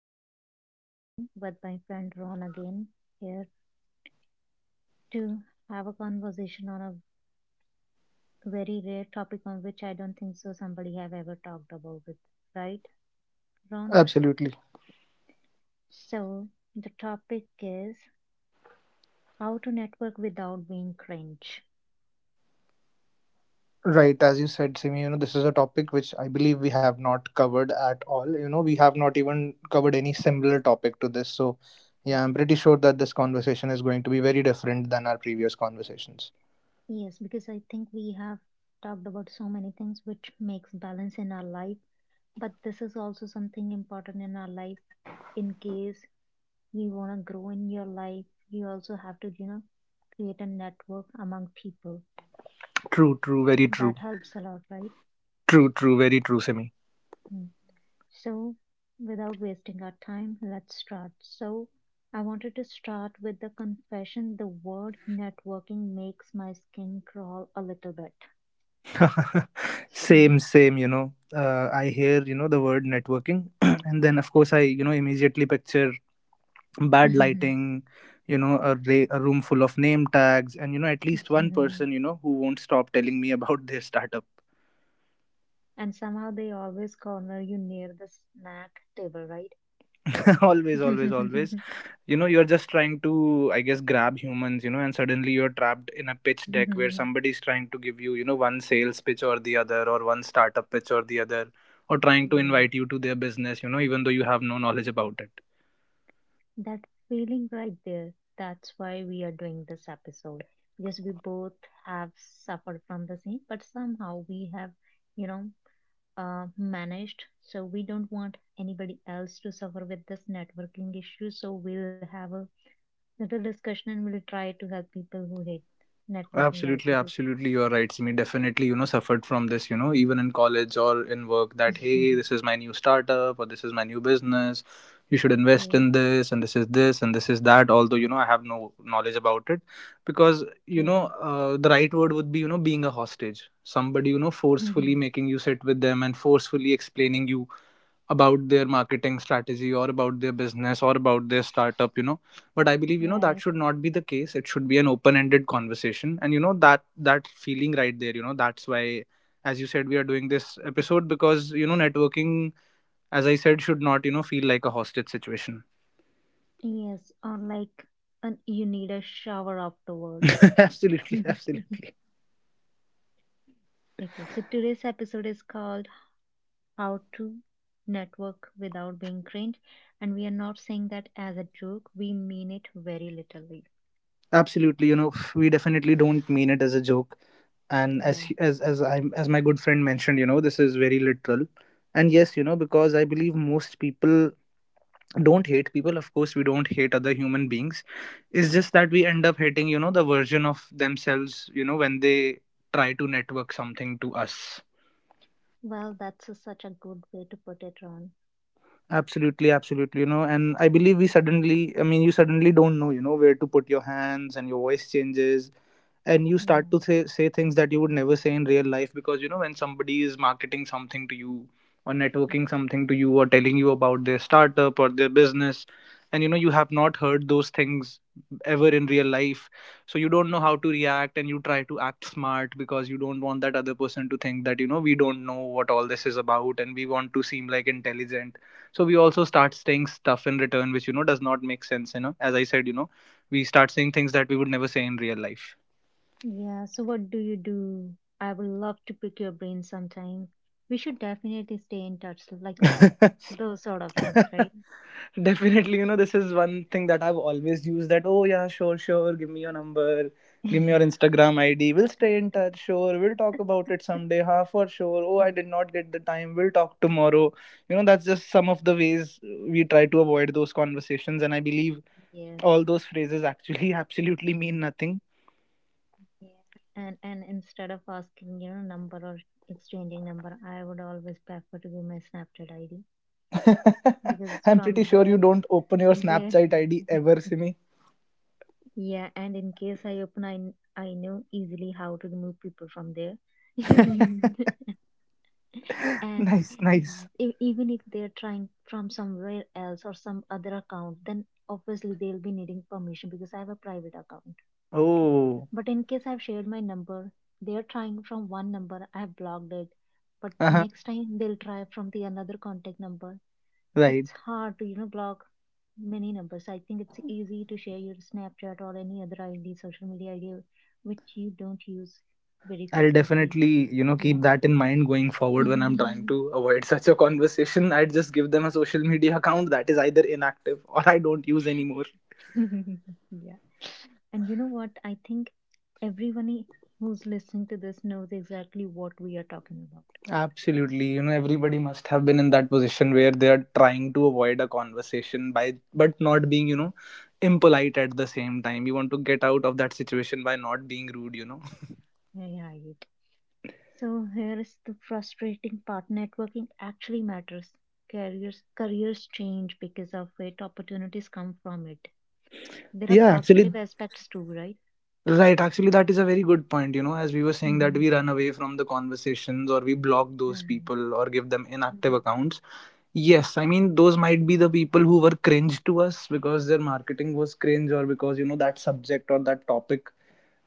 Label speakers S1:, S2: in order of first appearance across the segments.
S1: Balance. I'm Simi with my friend Ron again here to have a conversation on a very rare topic on which I don't think so somebody have ever talked about it, right, Ron?
S2: Absolutely.
S1: So the topic is how to network without being cringe.
S2: Right, as you said, Simi, you know, this is a topic which I believe we have not covered at all. You know, we have not even covered any similar topic to this. So, yeah, I'm pretty sure that this conversation is going to be very different than our previous conversations.
S1: Yes, because I think we have talked about so many things which makes balance in our life, but this is also something important in our life in case you want to grow in your life, you also have to, create a network among people.
S2: True, true, very true.
S1: That helps a lot, right?
S2: True, true, very true, Simi.
S1: Mm. So, without wasting our time, let's start. So, I wanted to start with the confession the word networking makes my skin crawl a little bit.
S2: Same, you know. I hear, you know, the word networking. And then, of course, I, you know, immediately picture bad lighting, you know, a a room full of name tags, and you know, at least one person, you know, who won't stop telling me about their startup.
S1: And somehow they always corner you near the snack table, right?
S2: Always, always, always, you know, you're just trying to, I guess, grab humans, you know, and suddenly you're trapped in a pitch deck where somebody's trying to give you, you know, one sales pitch or the other, or one startup pitch or the other, or trying to
S1: Yeah.
S2: invite you to their business, you know, even though you have no knowledge about it.
S1: That feeling right there, that's why we are doing this episode because we both have suffered from the same, but somehow we have, you know, managed. So we don't want anybody else to suffer with this networking issue. So we'll have a little discussion and we'll try to help people who hate networking as we
S2: Absolutely,
S1: do.
S2: absolutely. You are right, Simi. Definitely, you know, suffered from this, you know, even in college or in work, that hey, this is my new startup or this is my new business. You should invest
S1: Okay,
S2: in this, and this is this and this is that. Although, you know, I have no knowledge about it, because, you know,
S1: okay.
S2: the right word would be, you know, being a hostage. Somebody, you know, forcefully making you sit with them and forcefully explaining you about their marketing strategy or about their business or about their startup, you know. But I believe, you know, that
S1: right.
S2: should not be the case. It should be an open ended conversation. And you know, that that feeling right there, you know, that's why, as you said, we are doing this episode, because you know, networking, as I said, should not, you know, feel like a hostage situation.
S1: Yes, or like, you need a shower afterward.
S2: Absolutely, absolutely.
S1: Okay, so today's episode is called How to Network Without Being Cringe, and we are not saying that as a joke, we mean it very literally.
S2: Absolutely, you know, we definitely don't mean it as a joke. and as
S1: Yeah,
S2: as as i as my good friend mentioned, you know, this is very literal. And yes, you know, because I believe most people don't hate people. Of course, we don't hate other human beings. It's just that we end up hating, you know, the version of themselves, you know, when they try to network something to us.
S1: well, that's such a good way to put it, Ron.
S2: Absolutely, absolutely. You know, and I believe we suddenly, I mean, you suddenly don't know, you know, where to put your hands, and your voice changes, and you start
S1: Yeah,
S2: to say things that you would never say in real life, because you know, when somebody is marketing something to you or networking something to you, or telling you about their startup or their business, and you know, you have not heard those things ever in real life, so you don't know how to react, and you try to act smart because you don't want that other person to think that, you know, we don't know what all this is about, and we want to seem like intelligent. So we also start saying stuff in return which, you know, does not make sense. You know, as I said, you know, we start saying things that we would never say in real life.
S1: yeah, so what do you do? I would love to pick your brain sometime. We should definitely stay in touch, like those sort of things, right?
S2: Definitely, you know, this is one thing that I've always used, that oh yeah, sure, sure, give me your number, give me your Instagram ID, we'll stay in touch, sure, we'll talk about it someday, ha, for sure, oh, I did not get the time, we'll talk tomorrow. You know, that's just some of the ways we try to avoid those conversations, and I believe
S1: Yes.
S2: all those phrases actually absolutely mean nothing.
S1: Yeah. And instead of asking, number or exchanging number, I would always prefer to give my Snapchat ID. Because
S2: I'm pretty
S1: from
S2: sure you
S1: there
S2: don't open your
S1: there
S2: Snapchat ID ever, Simi.
S1: Yeah. And in case I open I know easily how to remove people from there. And
S2: Nice, nice.
S1: even if they're trying from somewhere else or some other account, then obviously they'll be needing permission because I have a private account. Okay.
S2: Oh,
S1: But in case I've shared my number, they're trying from one number, I've blocked it, but
S2: uh-huh,
S1: next time they'll try from the another contact number. So
S2: right.
S1: it's hard to, block many numbers. I think it's easy to share your Snapchat or any other ID, social media ID, which you don't use very
S2: I'll
S1: frequently.
S2: definitely, you know, keep
S1: Yeah.
S2: that in mind going forward when I'm trying
S1: Yeah.
S2: to avoid such a conversation. I'd just give them a social media account that is either inactive or I don't use anymore.
S1: And you know what? I think everyone who's listening to this knows exactly what we are talking about.
S2: Absolutely. You know, everybody must have been in that position where they're trying to avoid a conversation by but not being, you know, impolite at the same time. You want to get out of that situation by not being rude, you know.
S1: Right. So here is the frustrating part. Networking actually matters. Careers change because of it. Opportunities come from it. There are
S2: Yeah, actually,
S1: positive aspects too, right?
S2: right, actually, that is a very good point. You know, as we were saying, that
S1: Mm-hmm.
S2: we run away from the conversations or we block those
S1: Right.
S2: people or give them inactive
S1: Mm-hmm.
S2: accounts. Yes, I mean, those might be the people who were cringe to us because their marketing was cringe, or because, you know, that subject or that topic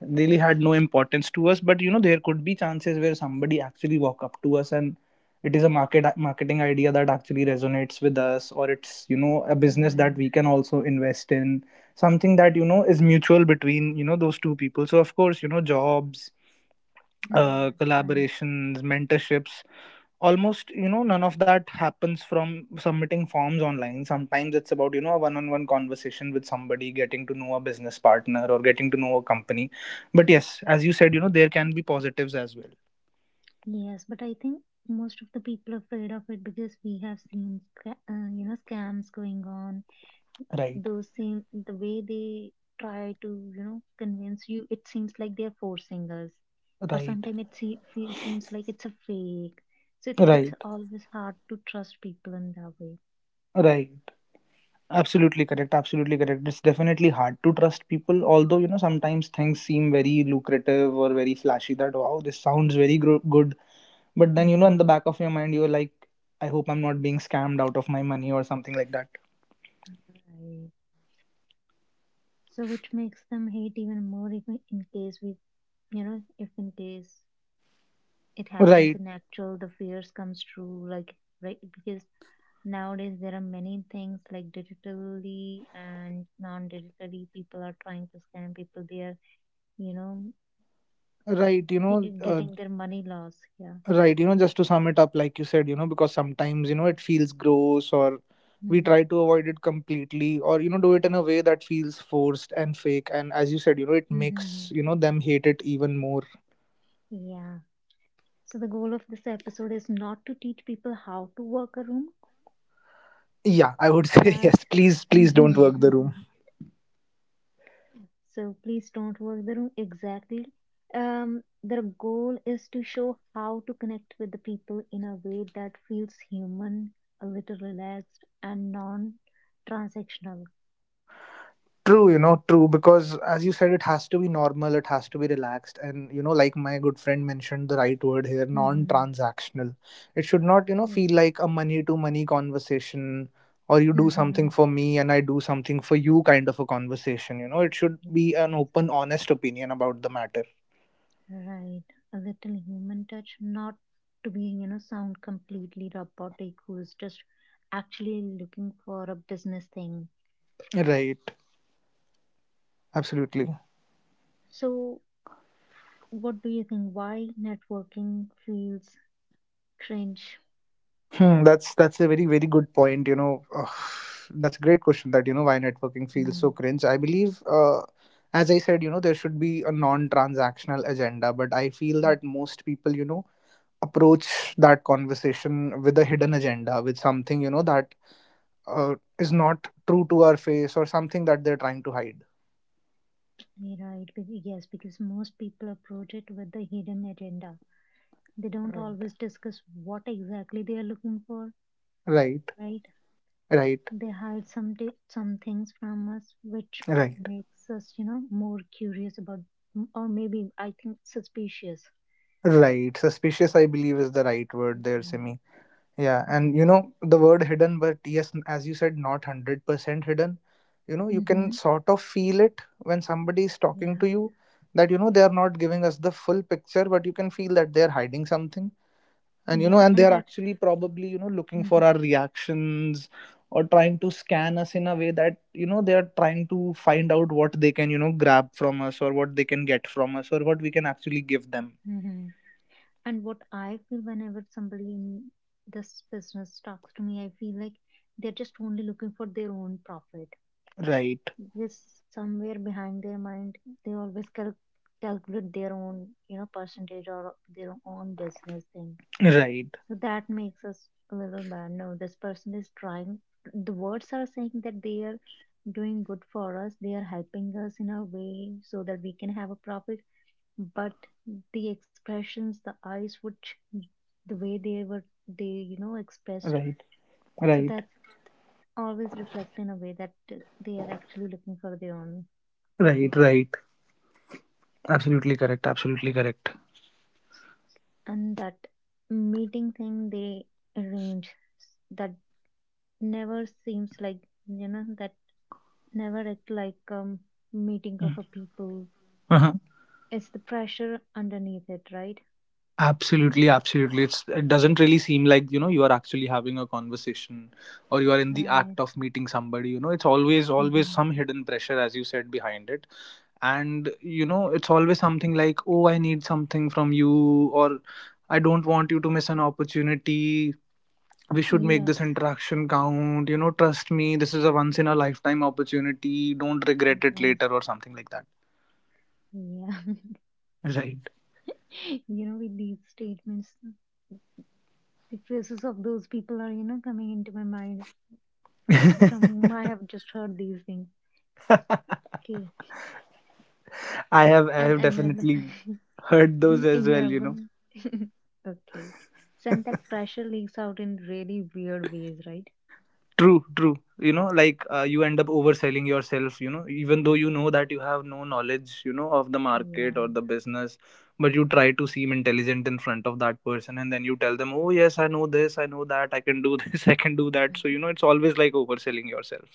S2: really had no importance to us. But you know, there could be chances where somebody actually walk up to us, and it is a marketing idea that actually resonates with us, or it's, you know, a business that
S1: Right.
S2: we can also invest in, something that, you know, is mutual between, you know, those two people. So of course, you know, jobs,
S1: Hmm. Right.
S2: collaborations, mentorships, almost, you know, none of that happens from submitting forms online. Sometimes it's about, you know, a one-on-one conversation with somebody, getting to know a business partner or getting to know a company. But yes, as you said, you know, there can be positives as well.
S1: Yes, but I think most of the people are afraid of it because we have seen, scams going on.
S2: Right,
S1: Those seem the way they try to, convince you. It seems like they are forcing us, or
S2: right,
S1: sometimes it seems like it's a fake. So it's
S2: right,
S1: it's always hard to trust people in that way.
S2: right. Absolutely correct, absolutely correct. It's definitely hard to trust people, although you know, sometimes things seem very lucrative or very flashy, that wow, this sounds very good. But then, you know, in
S1: Mm-hmm.
S2: the back of your mind, you're like, I hope I'm not being scammed out of my money or something like that.
S1: Right. So which makes them hate even more if in in case we, you know, if in case it happens
S2: Right,
S1: in actual, the fears comes true, like, right? Because nowadays there are many things like digitally and non-digitally people are trying to scam people. They are, you know,
S2: right. You know,
S1: getting their money lost. Yeah.
S2: right. You know, just to sum it up, like you said, you know, because sometimes, you know, it feels gross, or we
S1: Mhm.
S2: try to avoid it completely, or, you know, do it in a way that feels forced and fake. And as you said, you know, it makes,
S1: Mhm.
S2: you know, them hate it even more.
S1: Yeah. So the goal of this episode is not to teach people how to work a room,
S2: Yeah, I would say
S1: but
S2: yes. Please, please don't work the room.
S1: so please don't work the room. Exactly. Their goal is to show how to connect with the people in a way that feels human, a little relaxed, and non-transactional.
S2: True, you know, true. Because as you said, it has to be normal, it has to be relaxed. And, you know, like my good friend mentioned, the right word here, non
S1: Hmm.
S2: transactional. It should not, you know, feel
S1: Yeah.
S2: like a money to money conversation, or you do
S1: Hmm.
S2: something for me and I do something for you kind of a conversation. You know, it should be an open, honest opinion about the matter.
S1: Right. A little human touch, not to be, sound completely robotic, who is just actually looking for a business thing.
S2: Right. Absolutely.
S1: So, what do you think? Why networking feels cringe?
S2: Hmm, that's a very very good point. You know, ugh, that's a great question. That you know, why networking feels
S1: Mm-hmm.
S2: so cringe. I believe, as I said, you know, there should be a non-transactional agenda, but I feel that most people, you know, approach that conversation with a hidden agenda, with something, you know, that is not true to our face, or something that they're trying to hide.
S1: Right. Yes, because most people approach it with the hidden agenda. They don't
S2: Right.
S1: always discuss what exactly they are looking for,
S2: Right.
S1: right?
S2: Right.
S1: They hide some things from us, which
S2: Right.
S1: makes us, more curious about, or maybe I think suspicious.
S2: Right. Suspicious, I believe, is the right word there,
S1: Yeah,
S2: Simi. Yeah, and you
S1: yeah.
S2: know, the word hidden, but yes, as you said, not 100% hidden. You know, you can
S1: Mm-hmm.
S2: sort of feel it when somebody is talking
S1: Yeah,
S2: to you, that you know, they are not giving us the full picture, but you can feel that they are hiding something, and you know,
S1: yeah.
S2: and they
S1: And
S2: are
S1: that,
S2: actually probably, you know, looking
S1: mm-hmm,
S2: for our reactions, or trying to scan us in a way that, you know, they are trying to find out what they can, you know, grab from us, or what they can get from us, or what we can actually give them.
S1: mm-hmm. And what I feel whenever somebody in this business talks to me, I feel like they're just only looking for their own profit.
S2: Right.
S1: This somewhere behind their mind, they always calculate their own, percentage or their own business thing.
S2: Right.
S1: So that makes us a little bad. No, this person is trying. The words are saying that they are doing good for us. They are helping us in a way so that we can have a profit. But the expressions, the eyes, which the way they were, they expressed,
S2: Right.
S1: so
S2: Right.
S1: that always reflect in a way that they are actually looking for their own
S2: Right.
S1: profit.
S2: Right. Absolutely correct. Absolutely correct.
S1: And that meeting thing they arrange that never seems like that never act like meeting of a
S2: Mm.
S1: people.
S2: Uh-huh.
S1: It's the pressure underneath it, right?
S2: Absolutely, absolutely. It doesn't really seem like, you know, you are actually having a conversation, or you are in the
S1: Right.
S2: act of meeting somebody. You know, it's always always
S1: Hmm.
S2: some hidden pressure, as you said, behind it. And you know, it's always something like, "Oh, I need something from you," or "I don't want you to miss an opportunity." We should make this
S1: Yes.
S2: interaction count. You know, trust me, this is a once in a lifetime opportunity. Don't regret it
S1: Yes.
S2: later, or something like that.
S1: Yeah.
S2: Right.
S1: With these statements, the faces of those people are, coming into my mind, from whom I have just heard these things.
S2: I
S1: Okay.
S2: have I
S1: and
S2: have
S1: and then
S2: definitely heard those as
S1: you
S2: well,
S1: have
S2: you know.
S1: gone. Okay. So, and that pressure leaks out in really weird ways, right?
S2: True, true. You know, like you end up overselling yourself, you know, even though you know that you have no knowledge, you know, of the market or
S1: Yeah,
S2: the business, but you try to seem intelligent in front of that person, and then you tell them, "Oh, yes, I know this, I know that, I can do this, I can do that." So, you know, it's always like overselling yourself.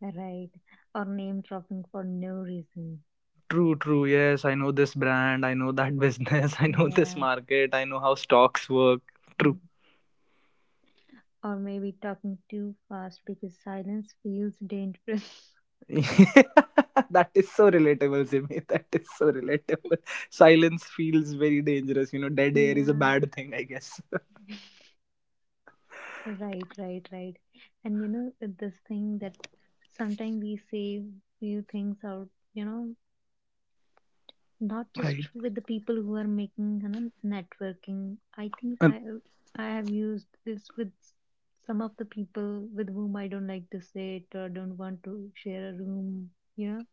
S1: right. Or name dropping for no reason.
S2: True, true. Yes, I know this brand, I know that business, I know this
S1: Yeah.
S2: market, I know how stocks work.
S1: Mhm. Or maybe talking too fast because silence feels dangerous.
S2: That is so relatable, Jimmy. That is so relatable. Silence feels very dangerous. You know, dead air is a
S1: Yeah.
S2: bad thing, I guess.
S1: Right, right, right. And this thing that sometimes we say few things out, you know, not
S2: Right.
S1: just with the people who are making, networking. I think
S2: Uh,
S1: I have used this with some of the people with whom I don't like to sit or don't want to share a room. You know,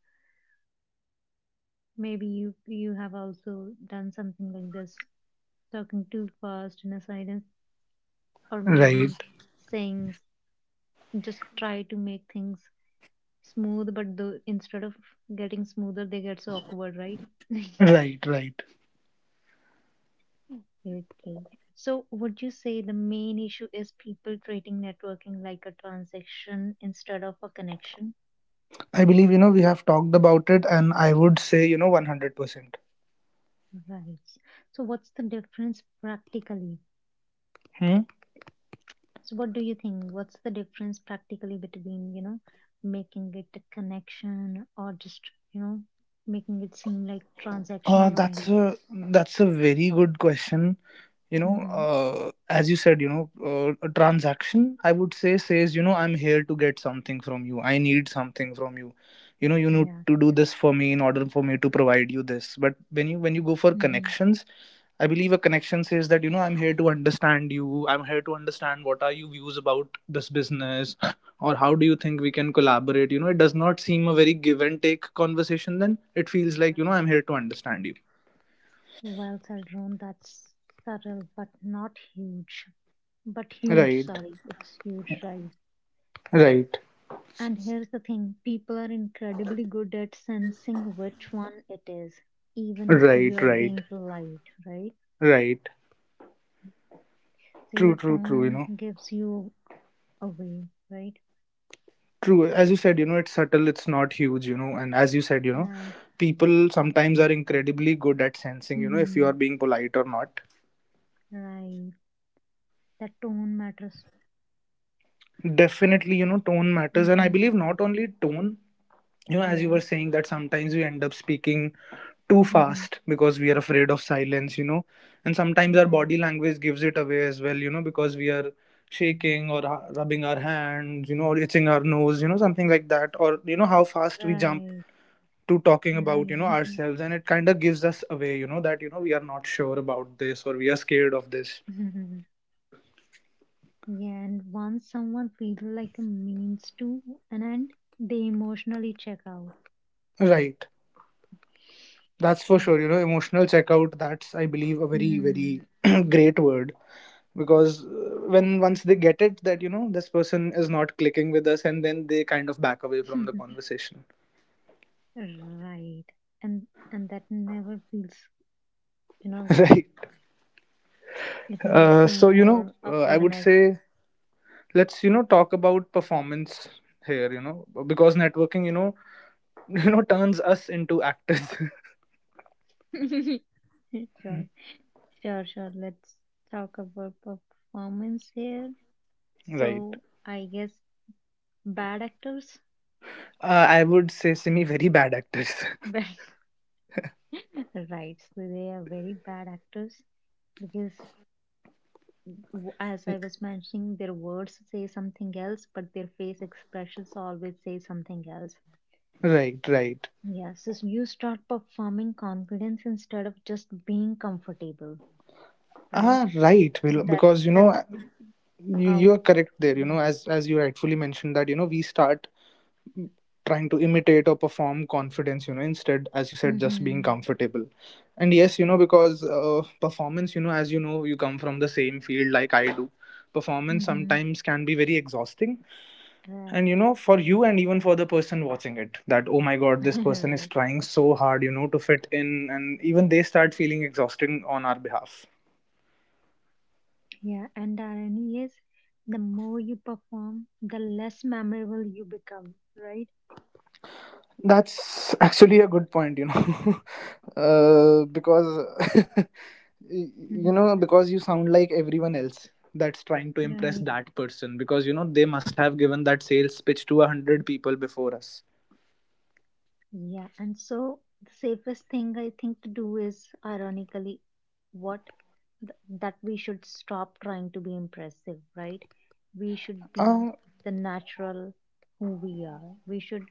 S1: maybe you have also done something like this, talking too fast in a silence, or
S3: Right,
S1: maybe saying s- just try to make things smooth, but the instead of getting smoother, they get so awkward, right?
S3: right, right.
S1: Okay. So, would you say the main issue is people treating networking like a transaction instead of a connection?
S3: I believe, we have talked about it, and I would say, 100%.
S1: Right. So, what's the difference practically?
S3: Hmm?
S1: So, what do you think? What's the difference practically between, making it a connection or just, you know, making it seem like
S3: Uh,
S1: transactional
S3: that's
S1: only?
S3: a, that's a very good question.
S1: Mm-hmm.
S3: As you said, a transaction, I would say, says, I'm here to get something from you. I need something from you. You need
S1: Yeah.
S3: to do this for me in order for me to provide you this. But when you go for
S1: Mm-hmm.
S3: connections, I believe a connection says that, I'm here to understand you. I'm here to understand what are your views about this business or how do you think we can collaborate. It does not seem a very give and take conversation then. It feels like,
S1: Right.
S3: I'm here to understand you.
S1: Well said, Ron. That's subtle, but not huge. But huge,
S3: Right,
S1: sorry. It's huge, right?
S3: right,
S1: And here's the thing, people are incredibly good at sensing which one it is, even if you
S3: right,
S1: are
S3: right,
S1: being polite, right?
S3: right.
S1: So your
S3: True, true, true.
S1: tone gives you away, right?
S3: True. As you said, it's subtle, it's not huge. And as you said,
S1: Right.
S3: people sometimes are incredibly good at sensing, if you
S1: Hmm.
S3: are being polite or not.
S1: Right. That tone matters.
S3: Definitely, tone matters, and I
S1: Hmm.
S3: believe not only tone. As you
S1: Yeah.
S3: were saying that sometimes we end up speaking too
S1: Hmm.
S3: fast because we are afraid of silence. And sometimes our
S1: Right.
S3: body language gives it away as well, because we are shaking or rubbing our hands, or itching our nose, something like that, or how fast we jump
S1: Right.
S3: to talking about
S1: Right.
S3: ourselves, and it kind of gives us away, that we are not sure about this or we are scared of this.
S1: Mhm. Yeah. And once someone feels like a means to an end, they emotionally check out.
S3: Right. That's for
S1: Okay.
S3: sure, you know. Emotional checkout, that's, I believe, a very, very
S1: Hmm.
S3: great word. Because when once they get it that this person is not clicking with us, and then they kind of back away from the conversation.
S1: Right. And that never feels, good.
S3: Right.
S1: It makes
S3: So,
S1: more
S3: I would
S1: awkwardness.
S3: say let's talk about performance here, because networking, turns us into actors.
S1: Sure. Sure, sure. Let's talk about performance here.
S3: Right.
S1: So I guess bad actors.
S3: I would say semi very bad actors.
S1: Bad right. So they are very bad actors because as I was mentioning, their words say something else, but their face expressions always say something else.
S3: Right, right.
S1: Yes, so you start performing confidence instead of just being comfortable, right?
S3: Ah, right, Will,
S1: So
S3: because
S1: that's the
S3: you are
S1: output.
S3: correct there, as you rightfully mentioned that we start trying to imitate or perform confidence, instead, as you said, just being
S1: Mm-hmm.
S3: comfortable. And yes, because performance, as you know, you come from the same field like I do. Performance
S1: Mm-hmm.
S3: sometimes can be very exhausting. And
S1: Right.
S3: for you and even for the person watching it, that oh my god, this person is
S1: Right.
S3: trying so hard, to fit in, and even they start feeling exhausting on our behalf.
S1: Yeah, and the irony is the more you perform, the less memorable you become, right?
S3: That's actually a good point Because y-
S1: Mm-hmm.
S3: because you sound like everyone else that's trying to impress
S1: Right.
S3: that person, because they must have given that sales pitch to 100 people before us.
S1: Yeah, and so the safest thing I think to do is ironically what th- that we should stop trying to be impressive, right? We should be
S3: uh
S1: the natural who we are. We should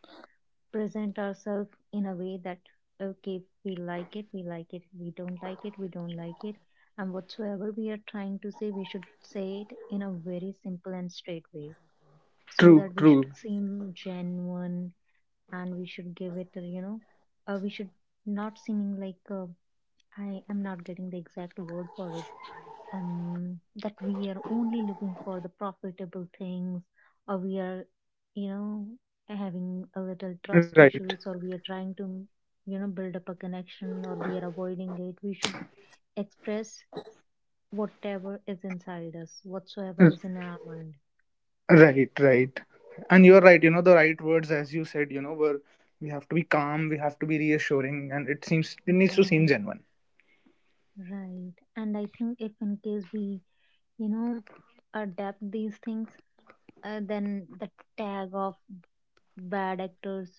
S1: present ourselves in a way that okay, if we like it, we like it. We don't like it, we don't like it. And whatsoever we are trying to say, we should say it in a very simple and straight way so
S3: True,
S1: that we should
S3: true.
S1: seem genuine, and we should give it we should not seeming like I am not getting the exact word for it, that we are only looking for the profitable things, or we are you know having a little trust
S3: Right,
S1: issues, or we are trying to, build up a connection, or we are avoiding it. We should express whatever is inside us, whatsoever
S3: r-
S1: is in our mind.
S3: right, right. And you're right, the right words, as you said, were we have to be calm, we have to be reassuring, and it seems it needs to seem
S1: Yeah,
S3: genuine.
S1: right. And I think if in case we you know, adapt these things, then the tag of bad actors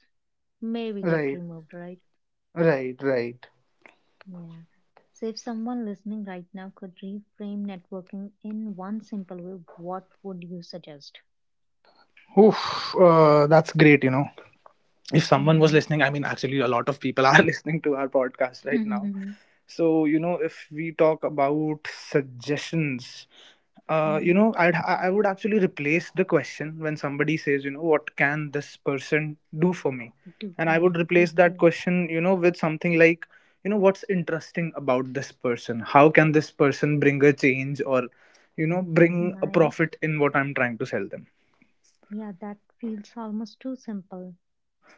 S1: maybe get
S3: Right,
S1: removed, right?
S3: right, right.
S1: Yeah. So if someone listening right now could reframe networking in one simple way, what would you suggest?
S3: Oof, that's great. If someone was listening, I mean, actually, a lot of people are listening to our podcast right now.
S1: Mm-hmm.
S3: So, if we talk about suggestions,
S1: Mm.
S3: I would actually replace the question when somebody says, what can this person do for me?
S1: Do
S3: And I
S1: for me.
S3: would replace that
S1: Okay.
S3: question, with something like, what's interesting about this person? How can this person bring a change, or, bring a
S1: Nice.
S3: profit in what I'm trying to sell them?
S1: Yeah, that feels almost too simple.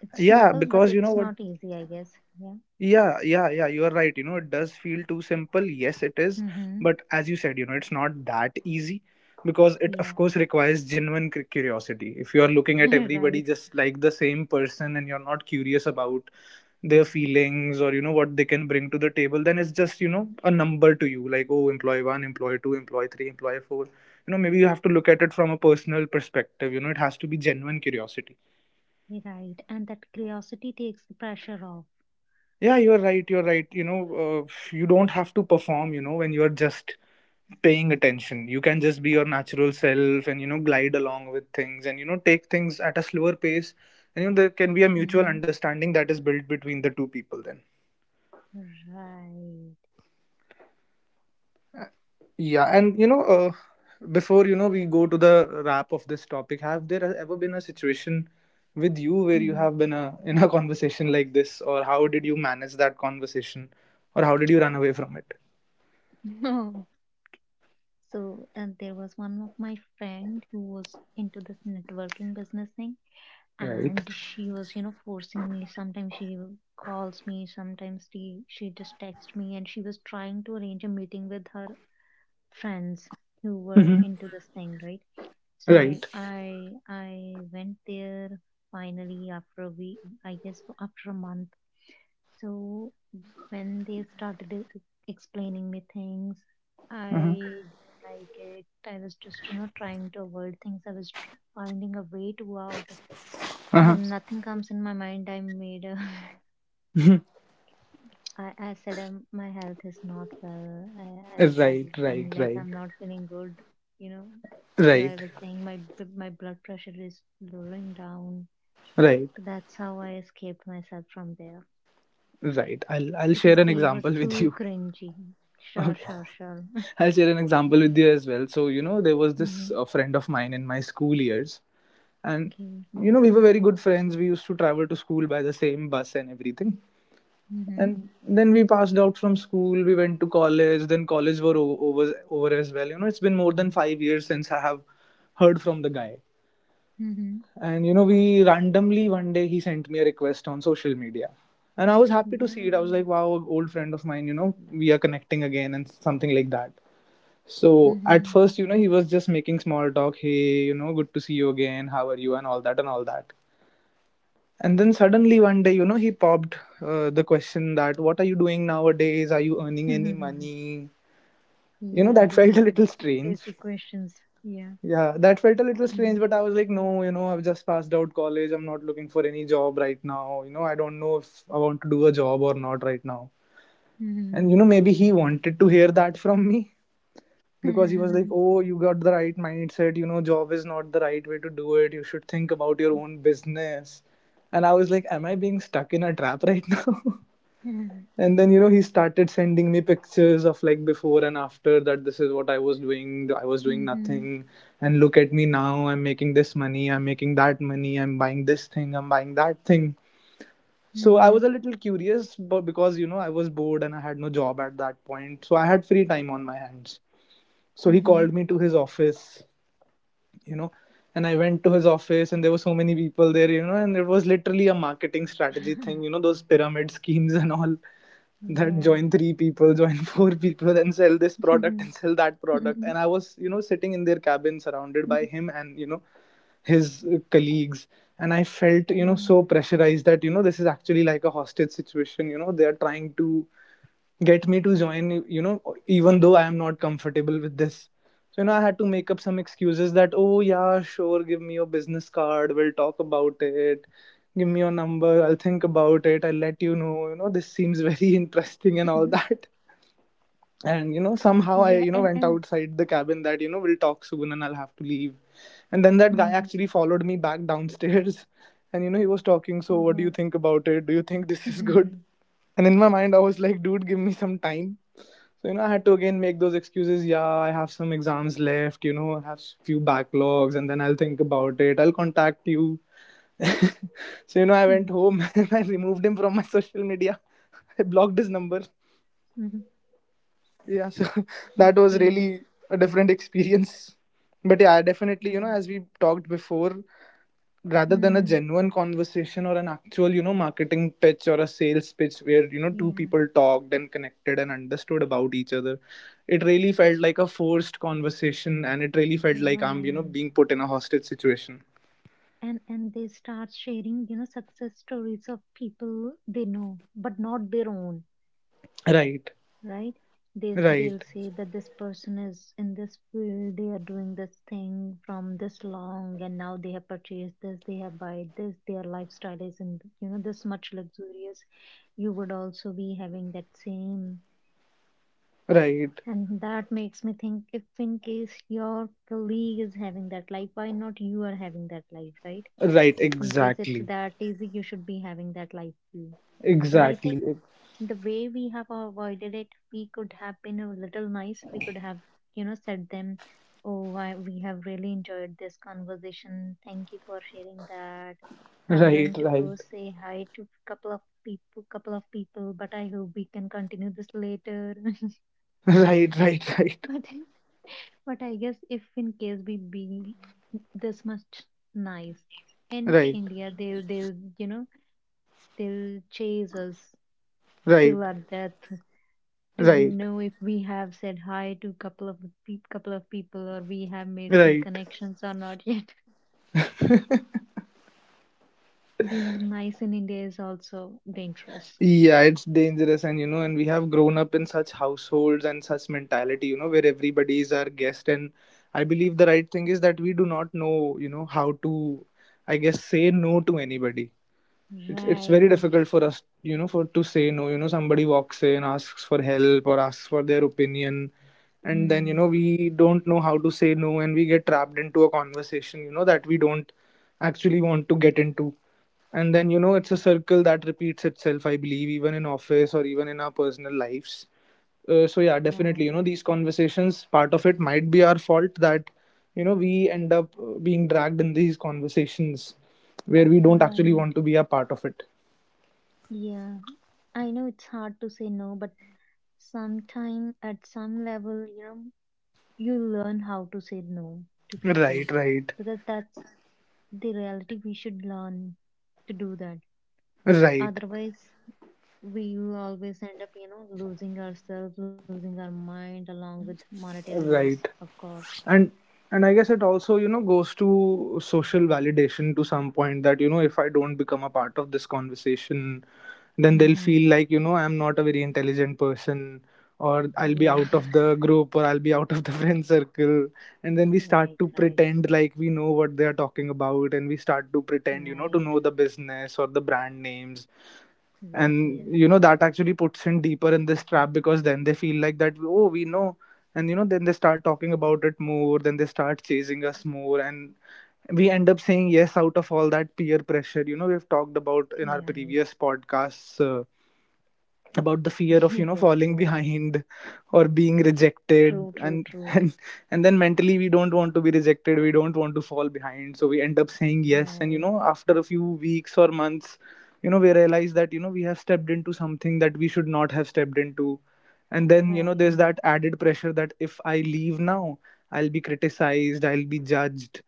S1: It's
S3: Yeah,
S1: simple, but
S3: because you know
S1: it's
S3: what.
S1: not easy, I guess. Yeah.
S3: Yeah, yeah, yeah, you are right. You know, it does feel too simple. Yes, it is.
S1: Mm-hmm.
S3: But as you said, it's not that easy, because it, of
S1: Yeah.
S3: course, requires genuine curiosity. If you are looking at everybody
S1: Right.
S3: just like the same person and you're not curious about their feelings, or, what they can bring to the table, then it's just, a number to you, like, oh, employee one, employee two, employee three, employee four. Maybe you have to look at it from a personal perspective. It has to be genuine curiosity.
S1: Right. And that curiosity takes the pressure off.
S3: Yeah, you're right. You're right. You don't have to perform, when you're just paying attention. You can just be your natural self, and, glide along with things, and, take things at a slower pace. And, there can be a mutual
S1: Mm-hmm.
S3: understanding that is built between the two people then.
S1: Right.
S3: Uh, Yeah. And, before, we go to the wrap of this topic, have there ever been a situation with you where you
S1: Mhm.
S3: have been a, in a conversation like this, or how did you manage that conversation, or how did you run away from it?
S1: No. So, and there was one of my friend who was into this networking business thing,
S3: Right.
S1: and she was, forcing me. Sometimes she calls me, sometimes she just texts me, and she was trying to arrange a meeting with her friends who were
S3: Mhm.
S1: into this thing, right? So
S3: Right.
S1: I went there finally after a week, I guess after a month. So when they started explaining me things,
S3: Uh-huh.
S1: I didn't like it. I was just, you know, trying to avoid things. I was finding a way to out.
S3: Uh-huh.
S1: Then nothing comes in my mind. I made a, I said my health is not well. I
S3: Right,
S1: started
S3: right,
S1: feeling like
S3: right.
S1: I'm not feeling good, you know. So
S3: Right.
S1: I was saying my my blood pressure is lowering down.
S3: Right.
S1: So that's how I escaped myself from there.
S3: Right. I'll
S1: Because
S3: share an
S1: they were
S3: example with
S1: too
S3: you.
S1: cringy. Sure,
S3: Okay.
S1: sure, sure.
S3: I'll share an example with you as well. So, there was this
S1: Mhm.
S3: friend of mine in my school years, and
S1: Okay.
S3: we were very good friends. We used to travel to school by the same bus and everything.
S1: Mm-hmm.
S3: And then we passed out from school, we went to college, then college were over as well. It's been more than 5 years since I have heard from the guy.
S1: Mm-hmm.
S3: And we randomly one day he sent me a request on social media. And I was happy to see it.
S1: Yeah.
S3: I was like, wow, an old friend of mine, we are connecting again and something like that. So at
S1: Mm-hmm.
S3: first, he was just making small talk. Hey, good to see you again. How are you? And all that and all that. And then suddenly one day, he popped the question that, what are you doing nowadays? Are you earning any money?
S1: Yeah,
S3: That
S1: those
S3: felt a
S1: are the
S3: little
S1: some
S3: strange.
S1: basic questions. Yeah.
S3: Yeah, that felt a little strange, but I was like, no, I've just passed out college. I'm not looking for any job right now. I don't know if I want to do a job or not right now.
S1: Mm-hmm.
S3: And, maybe he wanted to hear that from me, because he was like, oh, you got the right mindset. Job is not the right way to do it. You should think about your own business. And I was like, am I being stuck in a trap right now?
S1: Mm-hmm.
S3: And then, he started sending me pictures of, like, before and after, that this is what I was doing. I was doing
S1: Mm-hmm.
S3: nothing. And look at me now. I'm making this money. I'm making that money. I'm buying this thing. I'm buying that thing. So I was
S1: Mm-hmm.
S3: a little curious, but because, I was bored and I had no job at that point. So I had free time on my hands. So he called me to his office, you know, and I went to his office, and there were so many people there, and it was literally a marketing strategy
S1: Mm-hmm.
S3: thing, those pyramid schemes and all that,
S1: Yeah.
S3: join three people, join four people and sell this product and sell that product. And I was sitting in their cabin, surrounded by him and his colleagues. And I felt
S1: Okay.
S3: so pressurized, that this is actually like a hostage situation, they are trying to get me to join, even though I am not comfortable with this. So I had to make up some excuses, that oh yeah sure, give me your business card, we'll talk about it, give me your number, I'll think about it, I'll let you know. This seems very interesting and all that. And somehow I
S1: Yeah, and
S3: went
S1: and
S3: outside the cabin, that we'll talk soon and I'll have to leave. And then that guy
S1: Mhm.
S3: actually followed me back downstairs. And he was talking, so
S1: Oh
S3: what do you
S1: God.
S3: think about it? Do you think this is good? And in my mind I was like, dude, give me some time. So, I had to again make those excuses. Yeah, I have some exams left, I have few backlogs, and then I'll think about it. I'll contact you. So, I went home and I removed him from my social media. I blocked his number. Yeah, so that was
S1: Okay.
S3: really a different experience. But yeah, I definitely,
S1: Yeah.
S3: as we talked before, rather than a
S1: Mm.
S3: genuine conversation or an actual marketing pitch or a sales pitch where two
S1: Yeah.
S3: people talked and connected and understood about each other, it really felt like a forced conversation, and it really felt like I'm
S1: Right.
S3: being put in a hostage situation.
S1: And they start sharing, you know, success stories of people they know, but not their own,
S3: Right.
S1: right? They'll
S3: Right.
S1: say that this person is in this field, they are doing this thing from this long, and now they have purchased this, they have buy this, their lifestyle is in, you know, this much luxurious. You would also be having that same.
S3: Right.
S1: And that makes me think if in case your colleague is having that life, why not you are having that life, right?
S3: Right.
S1: If in case it's
S3: Exactly.
S1: that easy you should be having that life view, but I think
S3: Exactly.
S1: the way we have avoided it, we could have been a little nice, we could have, you know, said them, oh I, we have really enjoyed this conversation, thank you for sharing that. I'm
S3: Right.
S1: going to
S3: Right.
S1: go say hi to a couple of people, couple of people, but I hope we can continue this later.
S3: Right. Right. Right.
S1: but but I guess if in case we be this much nice in
S3: Right.
S1: India, they'll you know, they'll chase us
S3: Right.
S1: till our death to
S3: Right,
S1: know if we have said hi to couple of couple of people or we have made some
S3: right.
S1: connections or not yet. Being nice in India is also dangerous.
S3: Yeah, it's dangerous, and we have grown up in such households and such mentality, where everybody is our guest. And I believe the right thing is that we do not know, how to, I guess, say no to anybody. It's very
S1: Right.
S3: difficult for us, for to say no. Somebody walks in, asks for help or asks for their opinion, and then
S1: Hmm.
S3: we don't know how to say no, and we get trapped into a conversation, that we don't actually want to get into. And then it's a circle that repeats itself, I believe, even in office or even in our personal lives. So yeah, definitely,
S1: Right.
S3: these conversations, part of it might be our fault that we end up being dragged in these conversations where we don't actually
S1: Right.
S3: want to be a part of it.
S1: Yeah. I know it's hard to say no, but sometime at some level, you know, you learn how to say no to
S3: Right.
S1: people,
S3: Right.
S1: because that's the reality we should learn to do that.
S3: Right.
S1: Otherwise, we will always end up, you know, losing ourselves, losing our mind along with monetary loss,
S3: Right.
S1: of course.
S3: And and I guess it also goes to social validation to some point that if I don't become a part of this conversation, then they'll
S1: Mm-hmm.
S3: feel like I'm not a very intelligent person, or I'll be
S1: Yeah.
S3: out of the group, or I'll be out of the friend circle. And then we start
S1: Right,
S3: to
S1: right,
S3: pretend like we know what they're talking about, and we start to pretend, to
S1: right.
S3: know the business or the brand names.
S1: Yes,
S3: And
S1: yes, yes.
S3: that actually puts in deeper in this trap, because then they feel like that, oh, we know. And then they start talking about it more, then they start chasing us more, and we end up saying yes out of all that peer pressure we've talked about in our
S1: Yeah. Right.
S3: previous podcasts, about the fear of
S1: Yes,
S3: falling
S1: yes.
S3: behind or being rejected.
S1: True, true,
S3: and
S1: true.
S3: and then mentally we don't want to be rejected, we don't want to fall behind, so we end up saying yes. And
S1: Right,
S3: after a few weeks or months, we realize that we have stepped into something that we should not have stepped into. And then there's
S1: right,
S3: that added pressure that if I leave now, I'll be criticized, I'll be judged,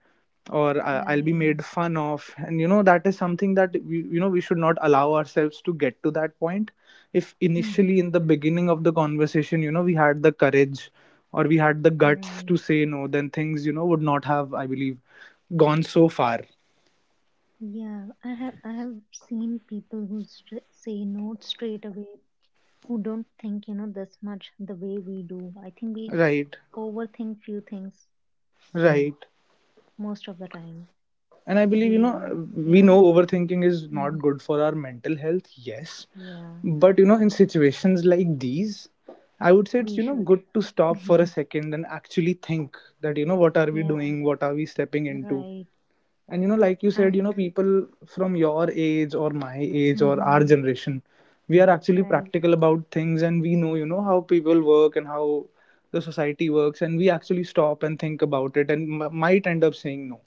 S3: or I'll be
S1: right.
S3: made fun of. And that is something that we, we should not allow ourselves to get to that point. If initially
S1: Mm-hmm.
S3: in the beginning of the conversation, we had the courage, or we had the guts to
S1: Right.
S3: say no, then things, would not have, I believe, gone so far.
S1: Yeah, I have seen people who say no straight away, who don't think, you know, this much the way we do. I think we
S3: Right,
S1: overthink few things
S3: right.
S1: most of the time.
S3: And I believe,
S1: We, you
S3: we know
S1: know,
S3: overthinking is not
S1: hmm,
S3: good for our mental health, yes.
S1: yeah,
S3: But in situations like these, I would say it's
S1: we should.
S3: good to stop for a second and actually think that, what are we
S1: Yeah,
S3: doing, what are we stepping into,
S1: right.
S3: and like you said,
S1: And,
S3: people from your age or my age or our
S1: hmm,
S3: generation, we are actually
S1: right.
S3: practical about things, and we know how people work and how the society works, and we actually stop and think about it and might end up saying no.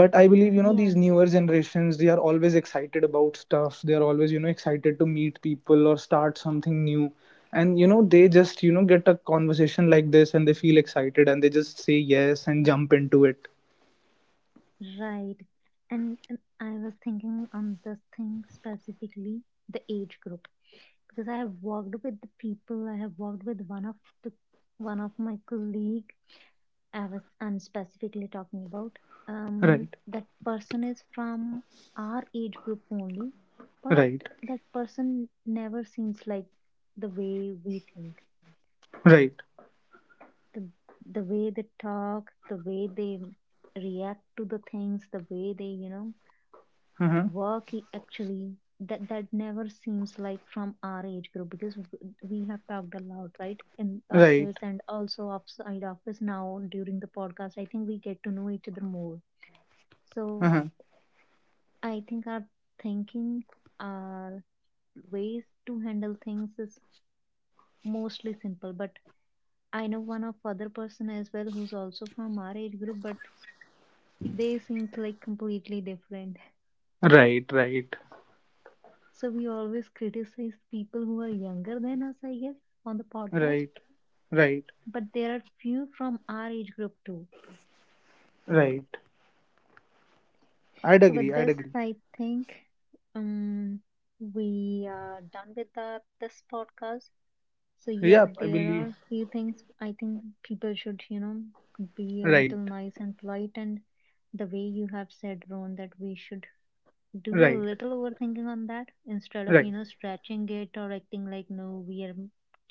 S3: But I believe,
S1: Yeah,
S3: these newer generations, they are always excited about stuff, they are always excited to meet people or start something new. And they just get a conversation like this and they feel excited and they just say yes and jump into it.
S1: right. And I was thinking on this thing specifically the age group, because I have worked with the people, I have worked with one of the one of my colleague. I was I'm specifically talking about.
S3: Right.
S1: That person is from our age group only, but
S3: Right.
S1: that person never seems like the way we think.
S3: Right.
S1: The the way they talk, the way they react to the things, the way they, you know,
S3: Uh-huh.
S1: work, actually that never seems like from our age group, because we have talked a lot, right, in
S3: Right.
S1: office and also outside office now during the podcast, I think we get to know each other more. So
S3: Uh-huh.
S1: I think our thinking, our ways to handle things is mostly simple. But I know one of other person as well who's also from our age group, but they seem like completely different.
S3: Right. Right.
S1: So we always criticize people who are younger than us, I guess, on the podcast.
S3: Right. Right.
S1: But there are few from our age group too.
S3: Right. I'd
S1: So with
S3: agree, I'd
S1: this,
S3: agree.
S1: I think um, we are done with the, this podcast. So yeah,
S3: Yep, I
S1: there
S3: believe.
S1: are few things I think people should, you know, be a little
S3: Right.
S1: nice and polite and the way you have said, Ron, that we should do a
S3: Right.
S1: little overthinking on that, instead of,
S3: Right.
S1: you know, stretching it or acting like no, we are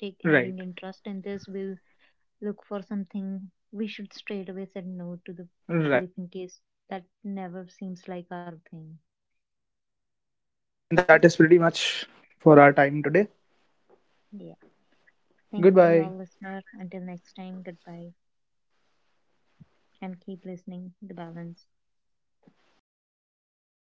S1: take having
S3: Right.
S1: interest in this, we'll look for something. We should straight away say no to the
S3: Right.
S1: people if in case that never seems like our thing. Okay.
S3: That is pretty much for our time today.
S1: Yeah. Thank you
S3: Goodbye.
S1: all listener. Until next time, goodbye. And keep listening the balance.